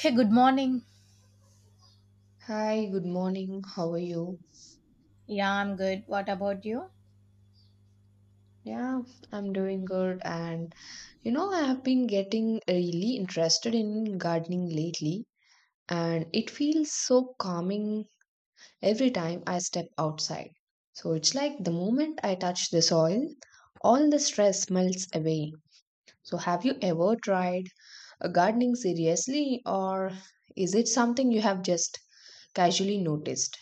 Hey, good morning. Hi, good morning. How are you? Yeah, I'm good. What about you? Yeah, I'm doing good. And you know, I have been getting really interested in gardening lately, and it feels so calming every time I step outside. So it's like the moment I touch the soil, all the stress melts away. So, have you ever tried gardening seriously, or is it something you have just casually noticed?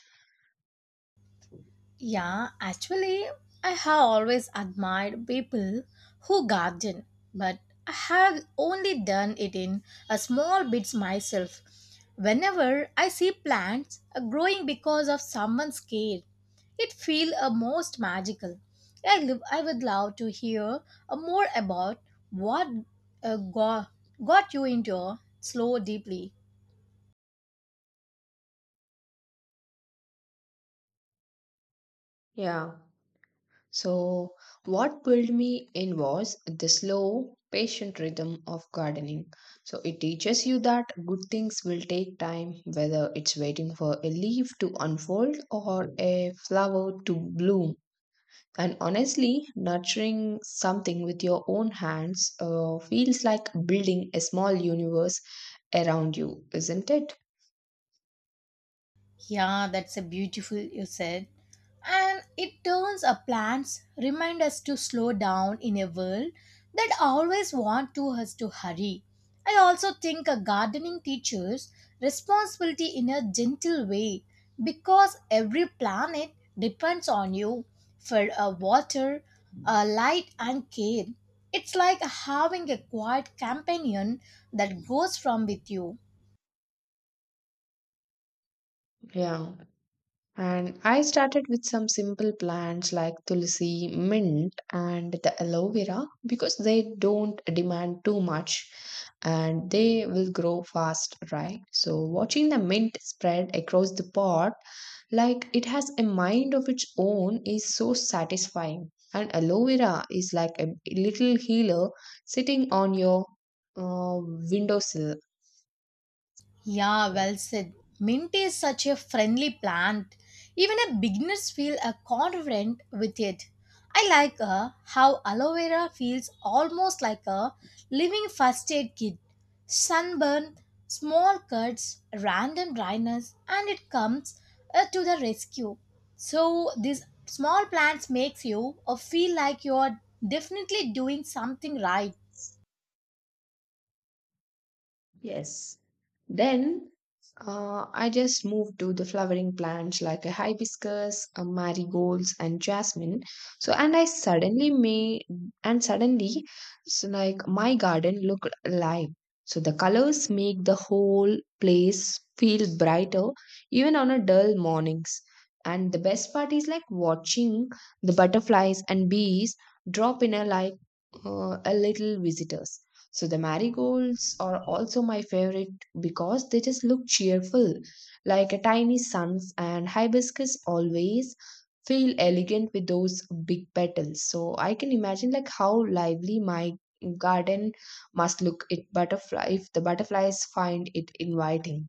Yeah, actually, I have always admired people who garden, but I have only done it in a small bits myself. Whenever I see plants growing because of someone's care, it feels a most magical. I would love to hear more about what uh, got, got you into slow deeply. Yeah. So, what pulled me in was the slow, patient rhythm of gardening. So, it teaches you that good things will take time, whether it's waiting for a leaf to unfold or a flower to bloom. And honestly, nurturing something with your own hands feels like building a small universe around you, isn't it? Yeah, that's a beautiful you said. And it turns our plans remind us to slow down in a world that always want to us to hurry. I also think a gardening teaches responsibility in a gentle way because every planet depends on you for a water, a light and care. It's like having a quiet companion that goes from with you. Yeah. And I started with some simple plants like tulsi, mint, and the aloe vera because they don't demand too much and they will grow fast, right? So, watching the mint spread across the pot like it has a mind of its own is so satisfying. And aloe vera is like a little healer sitting on your uh, windowsill. Yeah, well said. Mint is such a friendly plant. Even a beginners feel confident with it. I like how aloe vera feels almost like a living first aid kit. Sunburn, small cuts, random dryness, and it comes to the rescue. So these small plants makes you feel like you are definitely doing something right. Yes. Then I just moved to the flowering plants like a hibiscus, a marigolds, and jasmine. So, and I suddenly made, and suddenly, so like my garden looked alive. So the colors make the whole place feel brighter, even on a dull mornings. And the best part is like watching the butterflies and bees drop in a like a little visitors. So the marigolds are also my favorite because they just look cheerful, like a tiny suns, and hibiscus always feel elegant with those big petals. So I can imagine like how lively my garden must look it butterfly if the butterflies find it inviting.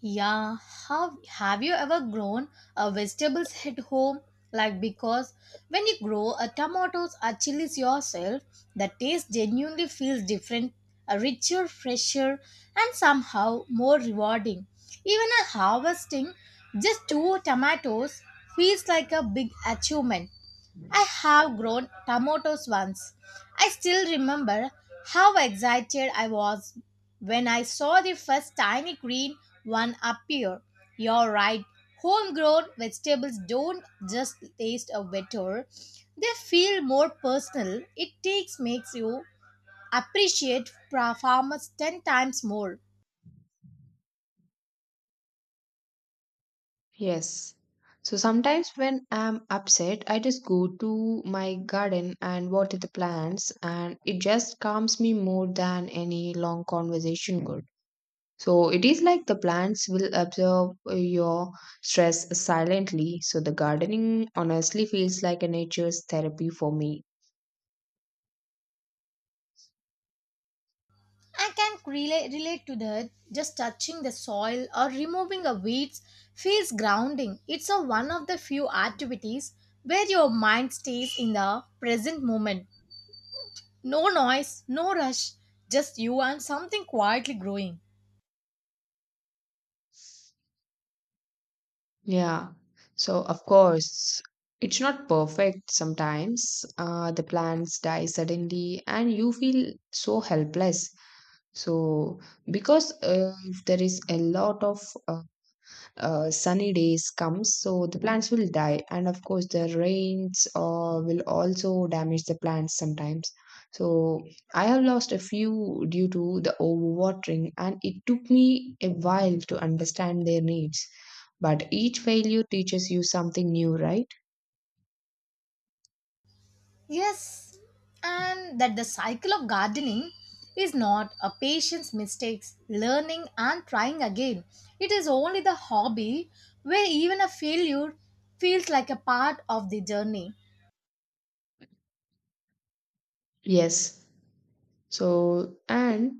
Yeah, have you ever grown a vegetables at home? Like because when you grow a tomatoes or chilies yourself, the taste genuinely feels different, a richer, fresher, and somehow more rewarding. Even a harvesting just two tomatoes feels like a big achievement. I have grown tomatoes once. I still remember how excited I was when I saw the first tiny green one appear. You're right, homegrown vegetables don't just taste better, they feel more personal. It takes makes you appreciate farmers 10 times more. Yes. So sometimes when I'm upset, I just go to my garden and water the plants, and it just calms me more than any long conversation could. So it is like the plants will absorb your stress silently. So the gardening honestly feels like a nature's therapy for me. I can relate to that. Just touching the soil or removing a weeds feels grounding. It's a one of the few activities where your mind stays in the present moment. No noise, no rush, just you and something quietly growing. Yeah. So of course, it's not perfect sometimes. The plants die suddenly and you feel so helpless. So because there is a lot of uh, sunny days comes so the plants will die and of course the rains will also damage the plants sometimes, so I have lost a few due to the overwatering and it took me a while to understand their needs, but each failure teaches you something new, right? Yes, and that the cycle of gardening is not a patient's mistakes, learning and trying again. It is only the hobby where even a failure feels like a part of the journey. Yes. So and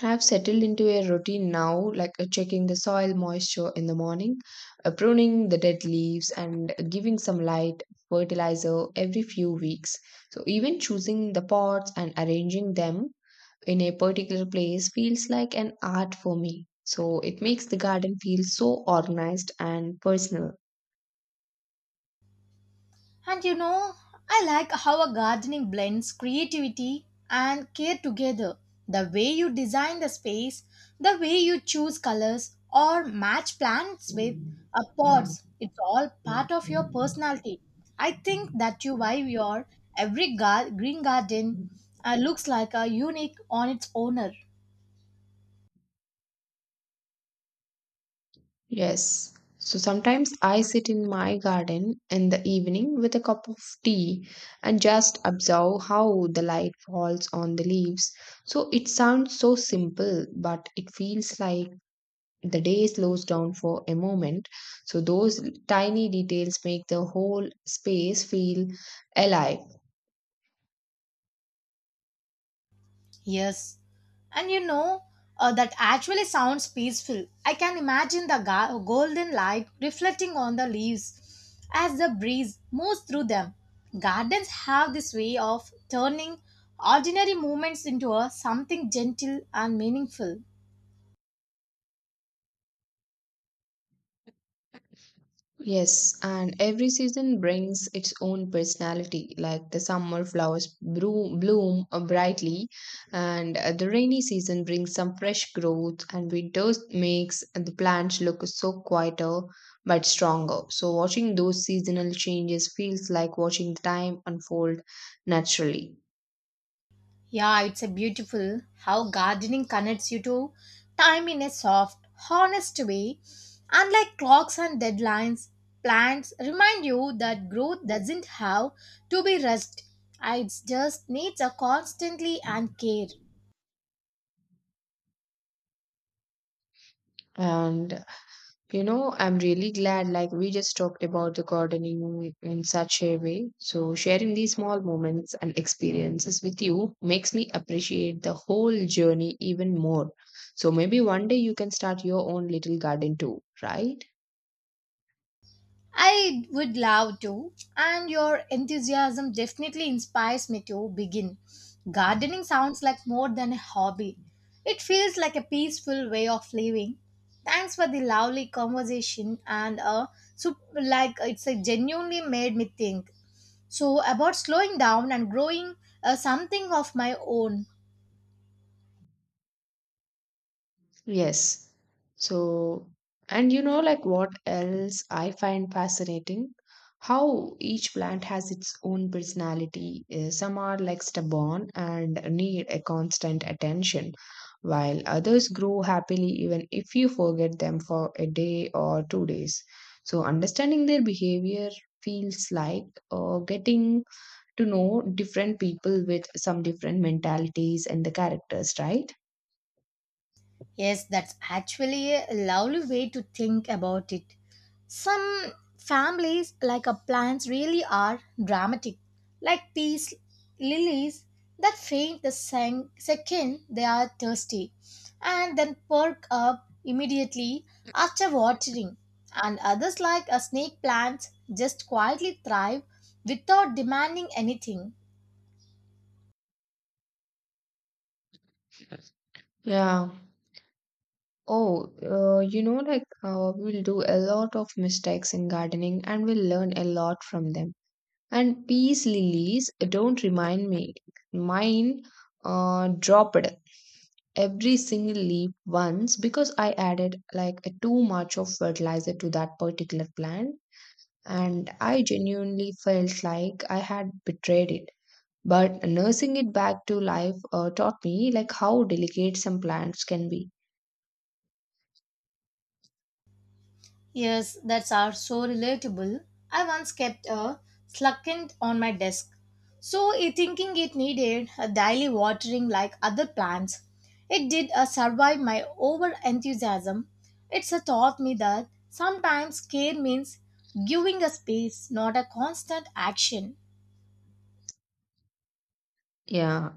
have settled into a routine now, like checking the soil moisture in the morning, pruning the dead leaves, and giving some light fertilizer every few weeks. So, even choosing the pots and arranging them in a particular place feels like an art for me. So, it makes the garden feel so organized and personal. And you know, I like how a gardening blends creativity and care together. The way you design the space, the way you choose colors or match plants with a pots, it's all part of your personality. I think that you why your every green garden looks like a unique on its owner. Yes. So sometimes I sit in my garden in the evening with a cup of tea and just observe how the light falls on the leaves. So it sounds so simple, but it feels like the day slows down for a moment. So those tiny details make the whole space feel alive. Yes. And you know, that actually sounds peaceful. I can imagine the golden light reflecting on the leaves as the breeze moves through them. Gardens have this way of turning ordinary moments into a something gentle and meaningful. Yes, and every season brings its own personality. Like the summer flowers bloom brightly, and the rainy season brings some fresh growth, and winter makes the plants look so quieter but stronger. So, watching those seasonal changes feels like watching the time unfold naturally. Yeah, it's a beautiful how gardening connects you to time in a soft, honest way. Unlike clocks and deadlines, plants remind you that growth doesn't have to be rushed. It just needs a constantly and care. And you know, I'm really glad like we just talked about the gardening in such a way. So sharing these small moments and experiences with you makes me appreciate the whole journey even more. So maybe one day you can start your own little garden too, right? I would love to, and your enthusiasm definitely inspires me to begin. Gardening sounds like more than a hobby, it feels like a peaceful way of living. Thanks for the lovely conversation, and sup- like it's genuinely made me think. So, about slowing down and growing something of my own. Yes. So, and you know, like what else I find fascinating? How each plant has its own personality. Some are like stubborn and need a constant attention, while others grow happily even if you forget them for a day or two days. So, understanding their behavior feels like getting to know different people with some different mentalities and the characters, right? Yes, that's actually a lovely way to think about it. Some families, like our plants, really are dramatic, like these lilies that faint the second they are thirsty and then perk up immediately after watering. And others, like a snake plants, just quietly thrive without demanding anything. Yeah. Oh, you know, like we'll do a lot of mistakes in gardening and we'll learn a lot from them. And peace lilies, don't remind me, mine dropped every single leaf once because I added like too much of fertilizer to that particular plant. And I genuinely felt like I had betrayed it. But nursing it back to life taught me like how delicate some plants can be. Yes, that's are so relatable. I once kept a succulent on my desk, so it thinking it needed a daily watering like other plants. It did survive my over enthusiasm. It's taught me that sometimes care means giving a space, not a constant action. Yeah,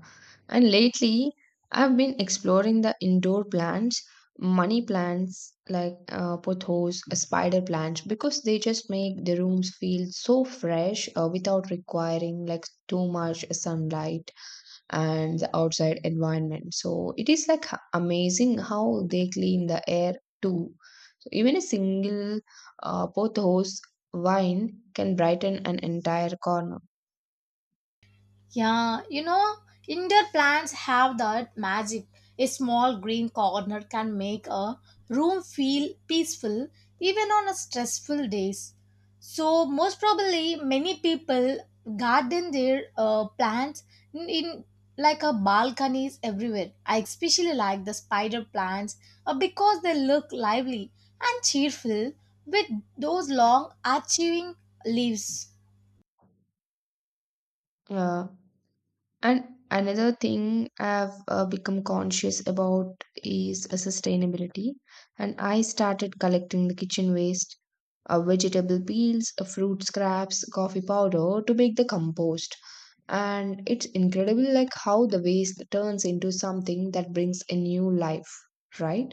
and lately I've been exploring the indoor plants, money plants like pothos, spider plants, because they just make the rooms feel so fresh without requiring like too much sunlight and the outside environment. So it is like amazing how they clean the air too. So even a single pothos vine can brighten an entire corner. Yeah, you know, indoor plants have that magic. A small green corner can make a room feel peaceful even on a stressful days. So most probably many people garden their plants in like a balconies everywhere. I especially like the spider plants because they look lively and cheerful with those long arching leaves. Yeah. And another thing I've become conscious about is sustainability. And I started collecting the kitchen waste, vegetable peels, fruit scraps, coffee powder to make the compost. And it's incredible like how the waste turns into something that brings a new life, right?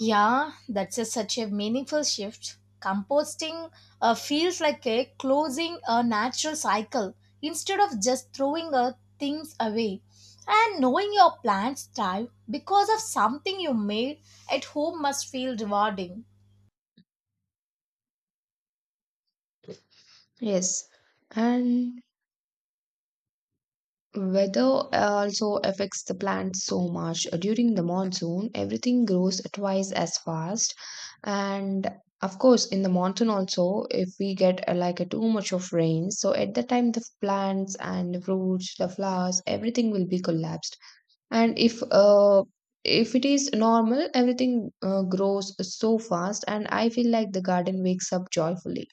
Yeah, that's a, such a meaningful shift. Composting feels like a closing a natural cycle instead of just throwing things away. And knowing your plants thrive because of something you made at home must feel rewarding. Yes. And weather also affects the plants so much. During the monsoon, everything grows twice as fast. And of course, in the monsoon also, if we get like a too much of rain, so at that time the plants and the fruits, the flowers, everything will be collapsed. And if it is normal, everything grows so fast, and I feel like the garden wakes up joyfully.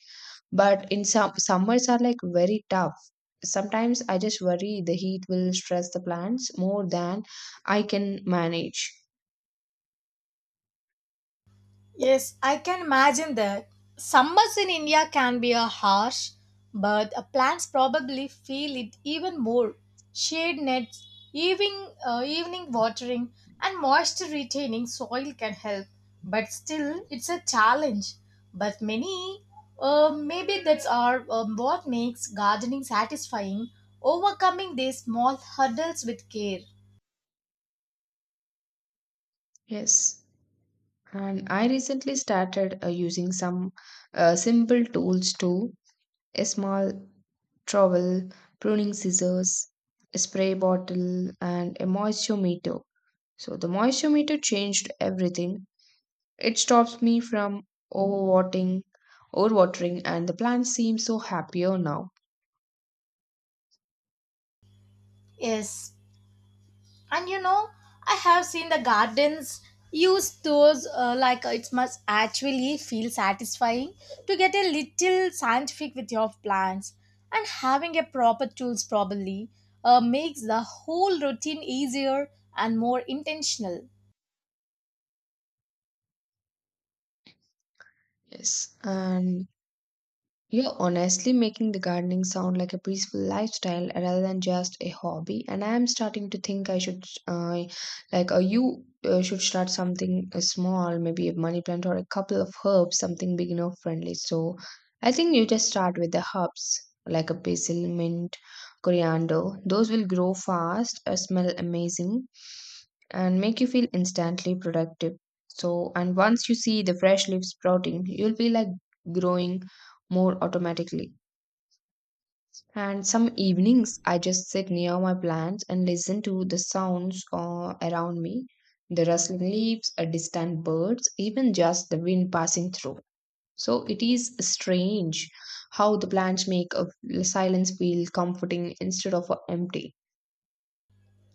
But in some summers are like very tough. Sometimes I just worry the heat will stress the plants more than I can manage. Yes, I can imagine that. Summers in India can be a harsh, but plants probably feel it even more. Shade nets, evening watering, and moisture retaining soil can help, but still, it's a challenge. But many, maybe that's our, what makes gardening satisfying, overcoming these small hurdles with care. Yes. And I recently started using some simple tools too. A small trowel, pruning scissors, a spray bottle, and a moisture. So the moisture meter changed everything. It stops me from overwatering, overwatering, and the plants seem so happier now. Yes, and you know, I have seen the gardens use those it must actually feel satisfying to get a little scientific with your plants and having a proper tools probably makes the whole routine easier and more intentional. Yes, and you're honestly making the gardening sound like a peaceful lifestyle rather than just a hobby, and I'm starting to think I should, like, you should start something small, maybe a money plant or a couple of herbs, something beginner friendly. So, I think you just start with the herbs like a basil, mint, coriander. Those will grow fast, smell amazing, and make you feel instantly productive. So, and once you see the fresh leaves sprouting, you'll be like growing more automatically. And some evenings, I just sit near my plants and listen to the sounds around me, the rustling leaves, a distant birds, even just the wind passing through. So it is strange how the plants make a silence feel comforting instead of empty.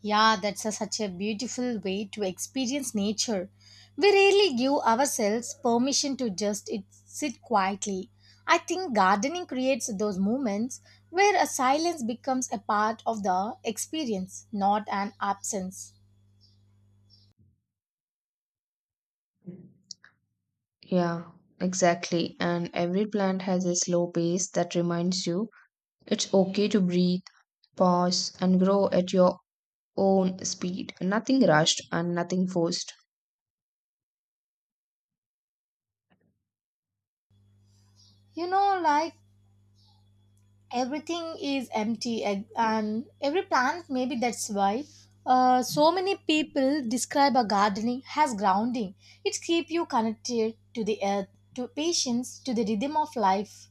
Yeah, that's a such a beautiful way to experience nature. We rarely give ourselves permission to sit quietly. I think gardening creates those moments where a silence becomes a part of the experience, not an absence. Yeah, exactly. And every plant has a slow pace that reminds you it's okay to breathe, pause, and grow at your own speed. Nothing rushed and nothing forced. You know, like everything is empty and every plant maybe that's why so many people describe a gardening as grounding. It keeps you connected to the earth, to patience, to the rhythm of life.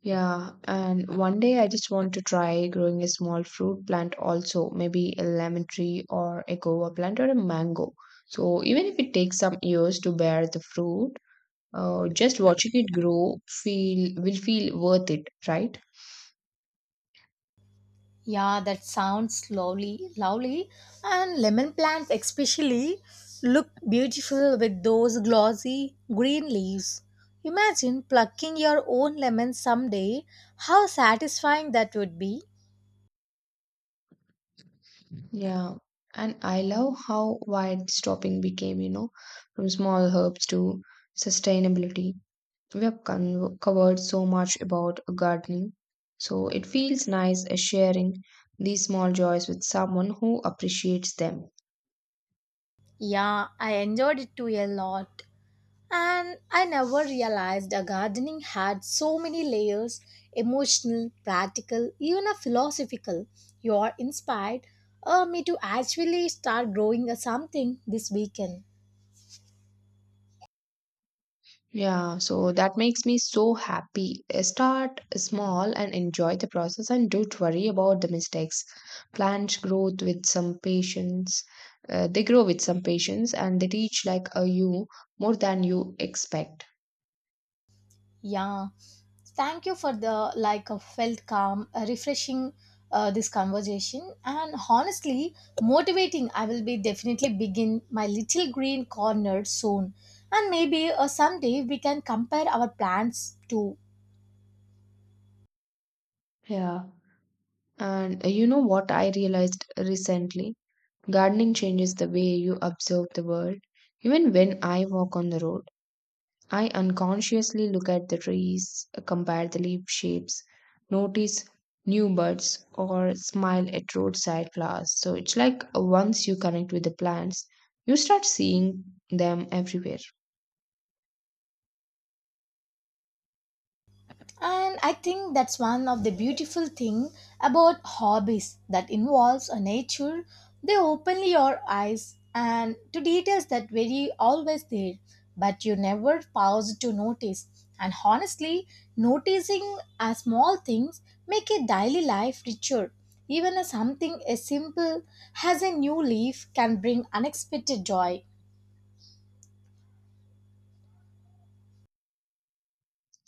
Yeah, and one day I just want to try growing a small fruit plant also, maybe a lemon tree or a guava plant or a mango. So even if it takes some years to bear the fruit, just watching it grow feel will feel worth it, right? Yeah, that sounds lovely. And lemon plants especially look beautiful with those glossy green leaves. Imagine plucking your own lemon someday, how satisfying that would be. Yeah. And I love how wide stopping became, you know, from small herbs to sustainability. We have covered so much about gardening, so it feels nice sharing these small joys with someone who appreciates them. Yeah, I enjoyed it too a lot. And I never realized a gardening had so many layers, emotional, practical, even a philosophical. You are inspired me to actually start growing a something this weekend. Yeah, so that makes me so happy. Start small and enjoy the process, and don't worry about the mistakes. Plants grow with some patience. And they teach like a you more than you expect. Yeah. Thank you for the like a felt calm, refreshing this conversation and honestly motivating. I will be definitely begin my little green corner soon and maybe someday we can compare our plans too. Yeah. And you know what I realized recently? Gardening changes the way you observe the world. Even when I walk on the road, I unconsciously look at the trees, compare the leaf shapes, notice new buds, or smile at roadside flowers. So it's like once you connect with the plants, you start seeing them everywhere. And I think that's one of the beautiful thing about hobbies that involves a nature. They open your eyes and to details that were always there, but you never pause to notice. And honestly, noticing a small things make a daily life richer. Even a something as simple as a new leaf can bring unexpected joy.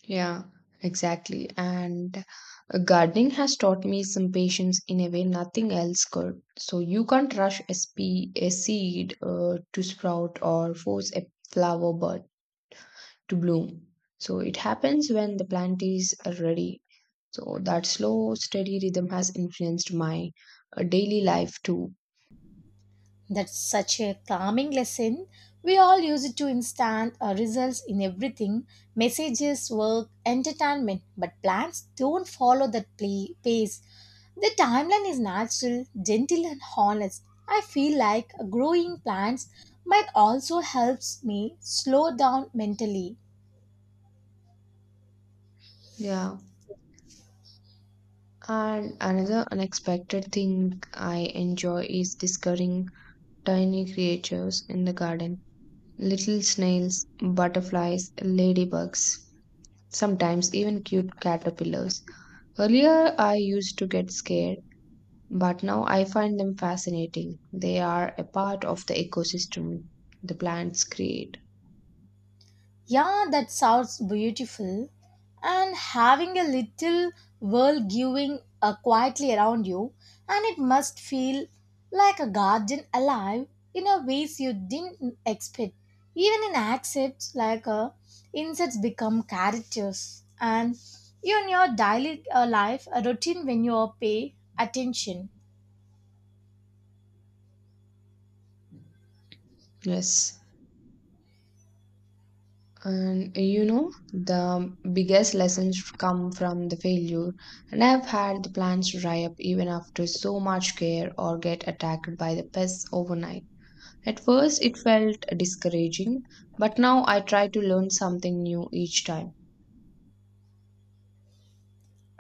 Yeah, exactly. And gardening has taught me some patience in a way nothing else could. So you can't rush a seed to sprout or force a flower bud to bloom. So it happens when the plant is ready. So that slow, steady rhythm has influenced my daily life too. That's such a calming lesson. We all use it to instant results in everything, messages, work, entertainment, but plans don't follow that pace. The timeline is natural, gentle, and honest. I feel like growing plants might also helps me slow down mentally. Yeah. And another unexpected thing I enjoy is discovering tiny creatures in the garden. Little snails, butterflies, ladybugs, sometimes even cute caterpillars. Earlier, I used to get scared, but now I find them fascinating. They are a part of the ecosystem the plants create. Yeah, that sounds beautiful. And having a little world giving quietly around you, and it must feel like a garden alive in a ways you didn't expect. Even in accents, like insects become characters, and even your daily life a routine when you pay attention. Yes. And you know, the biggest lessons come from the failure. And I've had the plants dry up even after so much care or get attacked by the pests overnight. At first, it felt discouraging, but now I try to learn something new each time.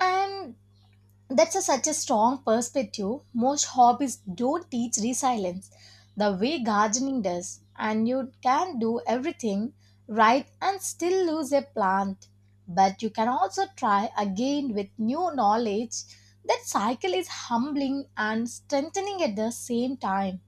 And that's a such a strong perspective. Most hobbies don't teach resilience the way gardening does, and you can do everything right and still lose a plant. But you can also try again with new knowledge. That cycle is humbling and strengthening at the same time.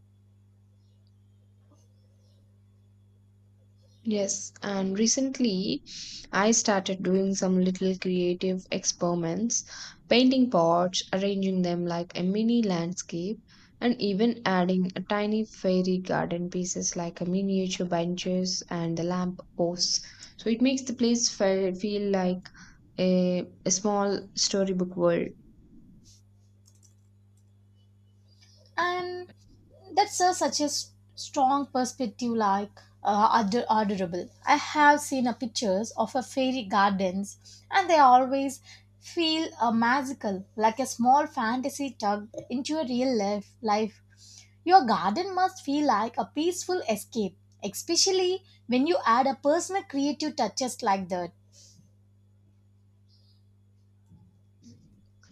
Yes, and recently I started doing some little creative experiments, painting pots, arranging them like a mini landscape, and even adding a tiny fairy garden pieces like a miniature benches and the lamp posts. So it makes the place feel like a small storybook world. And that's a such a strong perspective, like adorable. I have seen pictures of a fairy gardens, and they always feel magical, like a small fantasy tugged into a real life. Life, your garden must feel like a peaceful escape, especially when you add a personal creative touches like that.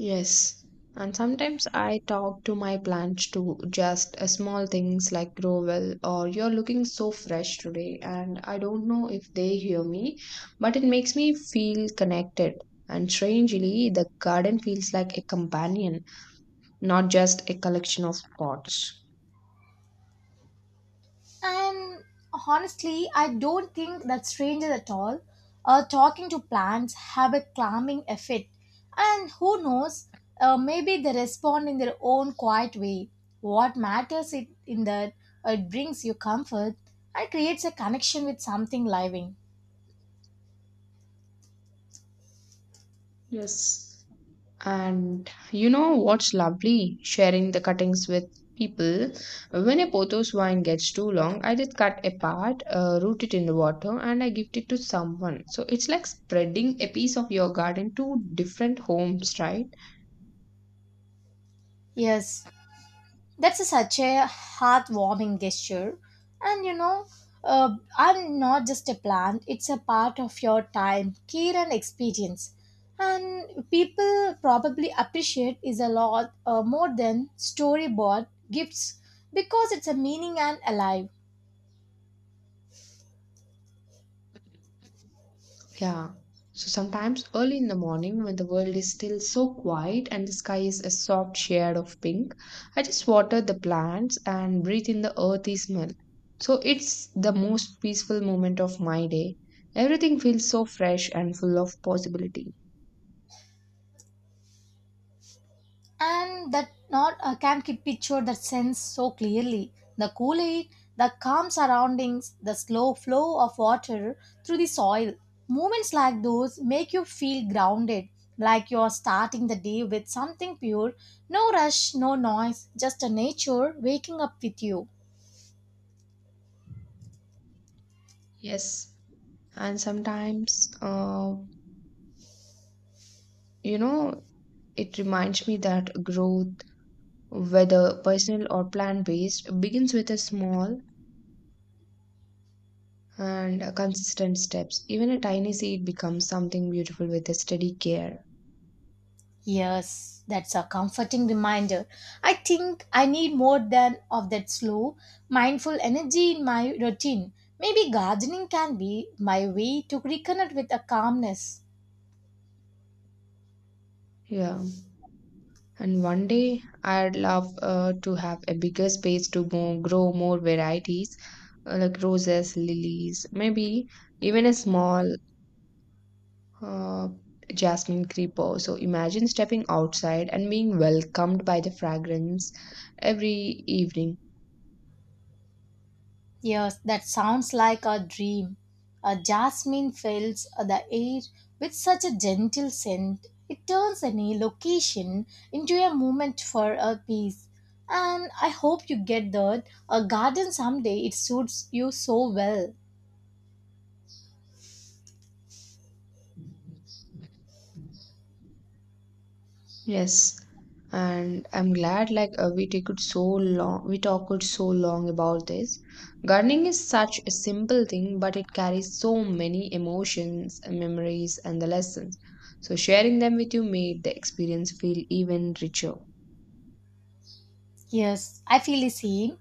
Yes. And sometimes I talk to my plants too, just small things like grow well or you're looking so fresh today. And I don't know if they hear me, but it makes me feel connected. And strangely, the garden feels like a companion, not just a collection of pots. And honestly, I don't think that's strange at all. Talking to plants have a calming effect, and who knows, maybe they respond in their own quiet way. What matters is in that it brings you comfort and creates a connection with something living. Yes. And you know what's lovely? Sharing the cuttings with people. When a Portos wine gets too long, I just cut a part, root it in the water, and I gift it to someone. So it's like spreading a piece of your garden to different homes, right? Yes, that's a such a heartwarming gesture. And you know, I'm not just a plant, it's a part of your time care and experience, and people probably appreciate is a lot more than storyboard gifts because it's a meaning and alive. Yeah. So sometimes early in the morning, when the world is still so quiet and the sky is a soft shade of pink, I just water the plants and breathe in the earthy smell. So it's the most peaceful moment of my day. Everything feels so fresh and full of possibility. And that not, I can't keep picture that sense so clearly. The cool air, the calm surroundings, the slow flow of water through the soil. Moments like those make you feel grounded, like you're starting the day with something pure. No rush, no noise, just a nature waking up with you. Yes. And sometimes, you know, it reminds me that growth, whether personal or plant based, begins with a small and consistent steps. Even a tiny seed becomes something beautiful with a steady care. Yes, that's a comforting reminder. I think I need more than of that slow, mindful energy in my routine. Maybe gardening can be my way to reconnect with a calmness. Yeah. And one day I'd love to have a bigger space to grow more varieties like roses, lilies, maybe even a small uh, jasmine creeper. So imagine stepping outside and being welcomed by the fragrance every evening. Yes, that sounds like a dream. A jasmine fills the air with such a gentle scent. It turns any location into a moment for a peace. And I hope you get that. A garden someday it suits you so well. Yes, and I'm glad like we talked so long about this. Gardening is such a simple thing, but it carries so many emotions, memories, and the lessons. So sharing them with you made the experience feel even richer. Yes, I feel the same.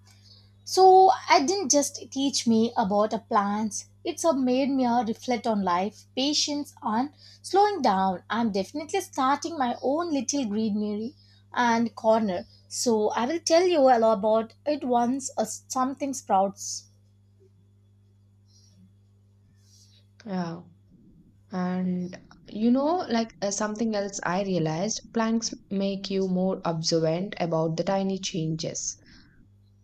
So I didn't just teach me about a plants. It's a made me a reflect on life, patience, and slowing down. I'm definitely starting my own little greenery and corner. So I will tell you all about it once something sprouts. Yeah, and you know, like something else I realized, plants make you more observant about the tiny changes.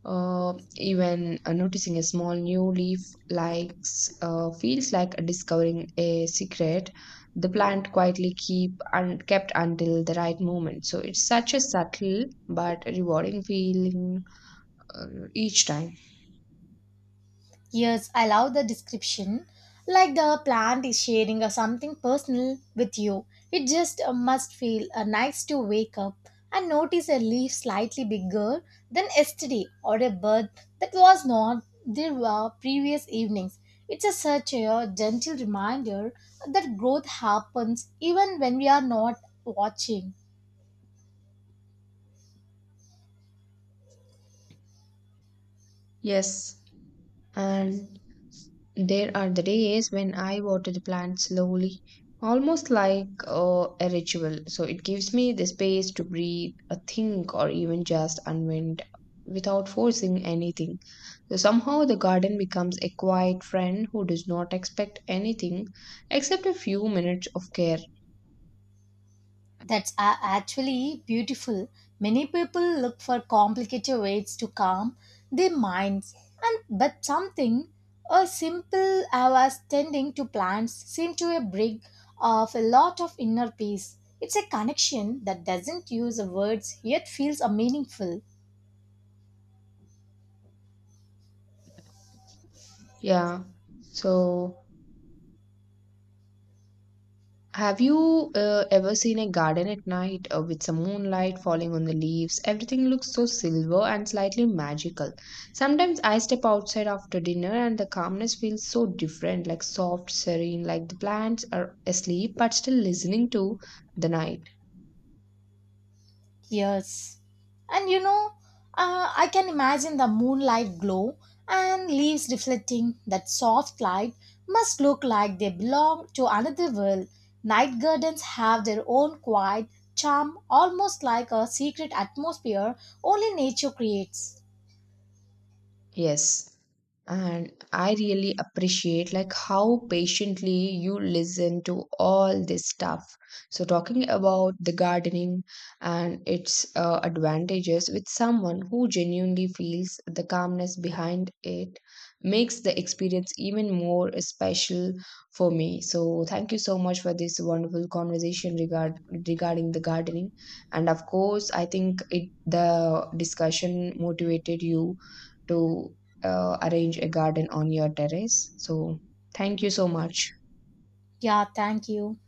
Even noticing a small new leaf likes feels like discovering a secret the plant quietly keep and kept until the right moment. So it's such a subtle but rewarding feeling, uh, each time. Yes, I love the description. Like the plant is sharing something personal with you. It just must feel nice to wake up and notice a leaf slightly bigger than yesterday or a bird that was not there were previous evenings. It's a such a gentle reminder that growth happens even when we are not watching. Yes. And there are the days when I water the plant slowly, almost like a ritual. So it gives me the space to breathe, think, or even just unwind without forcing anything. So, somehow, the garden becomes a quiet friend who does not expect anything except a few minutes of care. That's a actually beautiful. Many people look for complicated ways to calm their minds, and but something as simple as tending to plants seem to a bring of a lot of inner peace. It's a connection that doesn't use words yet feels a meaningful. Yeah. So, have you ever seen a garden at night with some moonlight falling on the leaves? Everything looks so silver and slightly magical. Sometimes I step outside after dinner and the calmness feels so different, like soft, serene, like the plants are asleep but still listening to the night. Yes. And you know, I can imagine the moonlight glow and leaves reflecting that soft light must look like they belong to another world. Night gardens have their own quiet charm, almost like a secret atmosphere only nature creates. Yes. And I really appreciate like how patiently you listen to all this stuff. So talking about the gardening and its advantages with someone who genuinely feels the calmness behind it makes the experience even more special for me. So thank you so much for this wonderful conversation regarding the gardening. And of course, I think it the discussion motivated you to arrange a garden on your terrace. So, thank you so much. Yeah, thank you.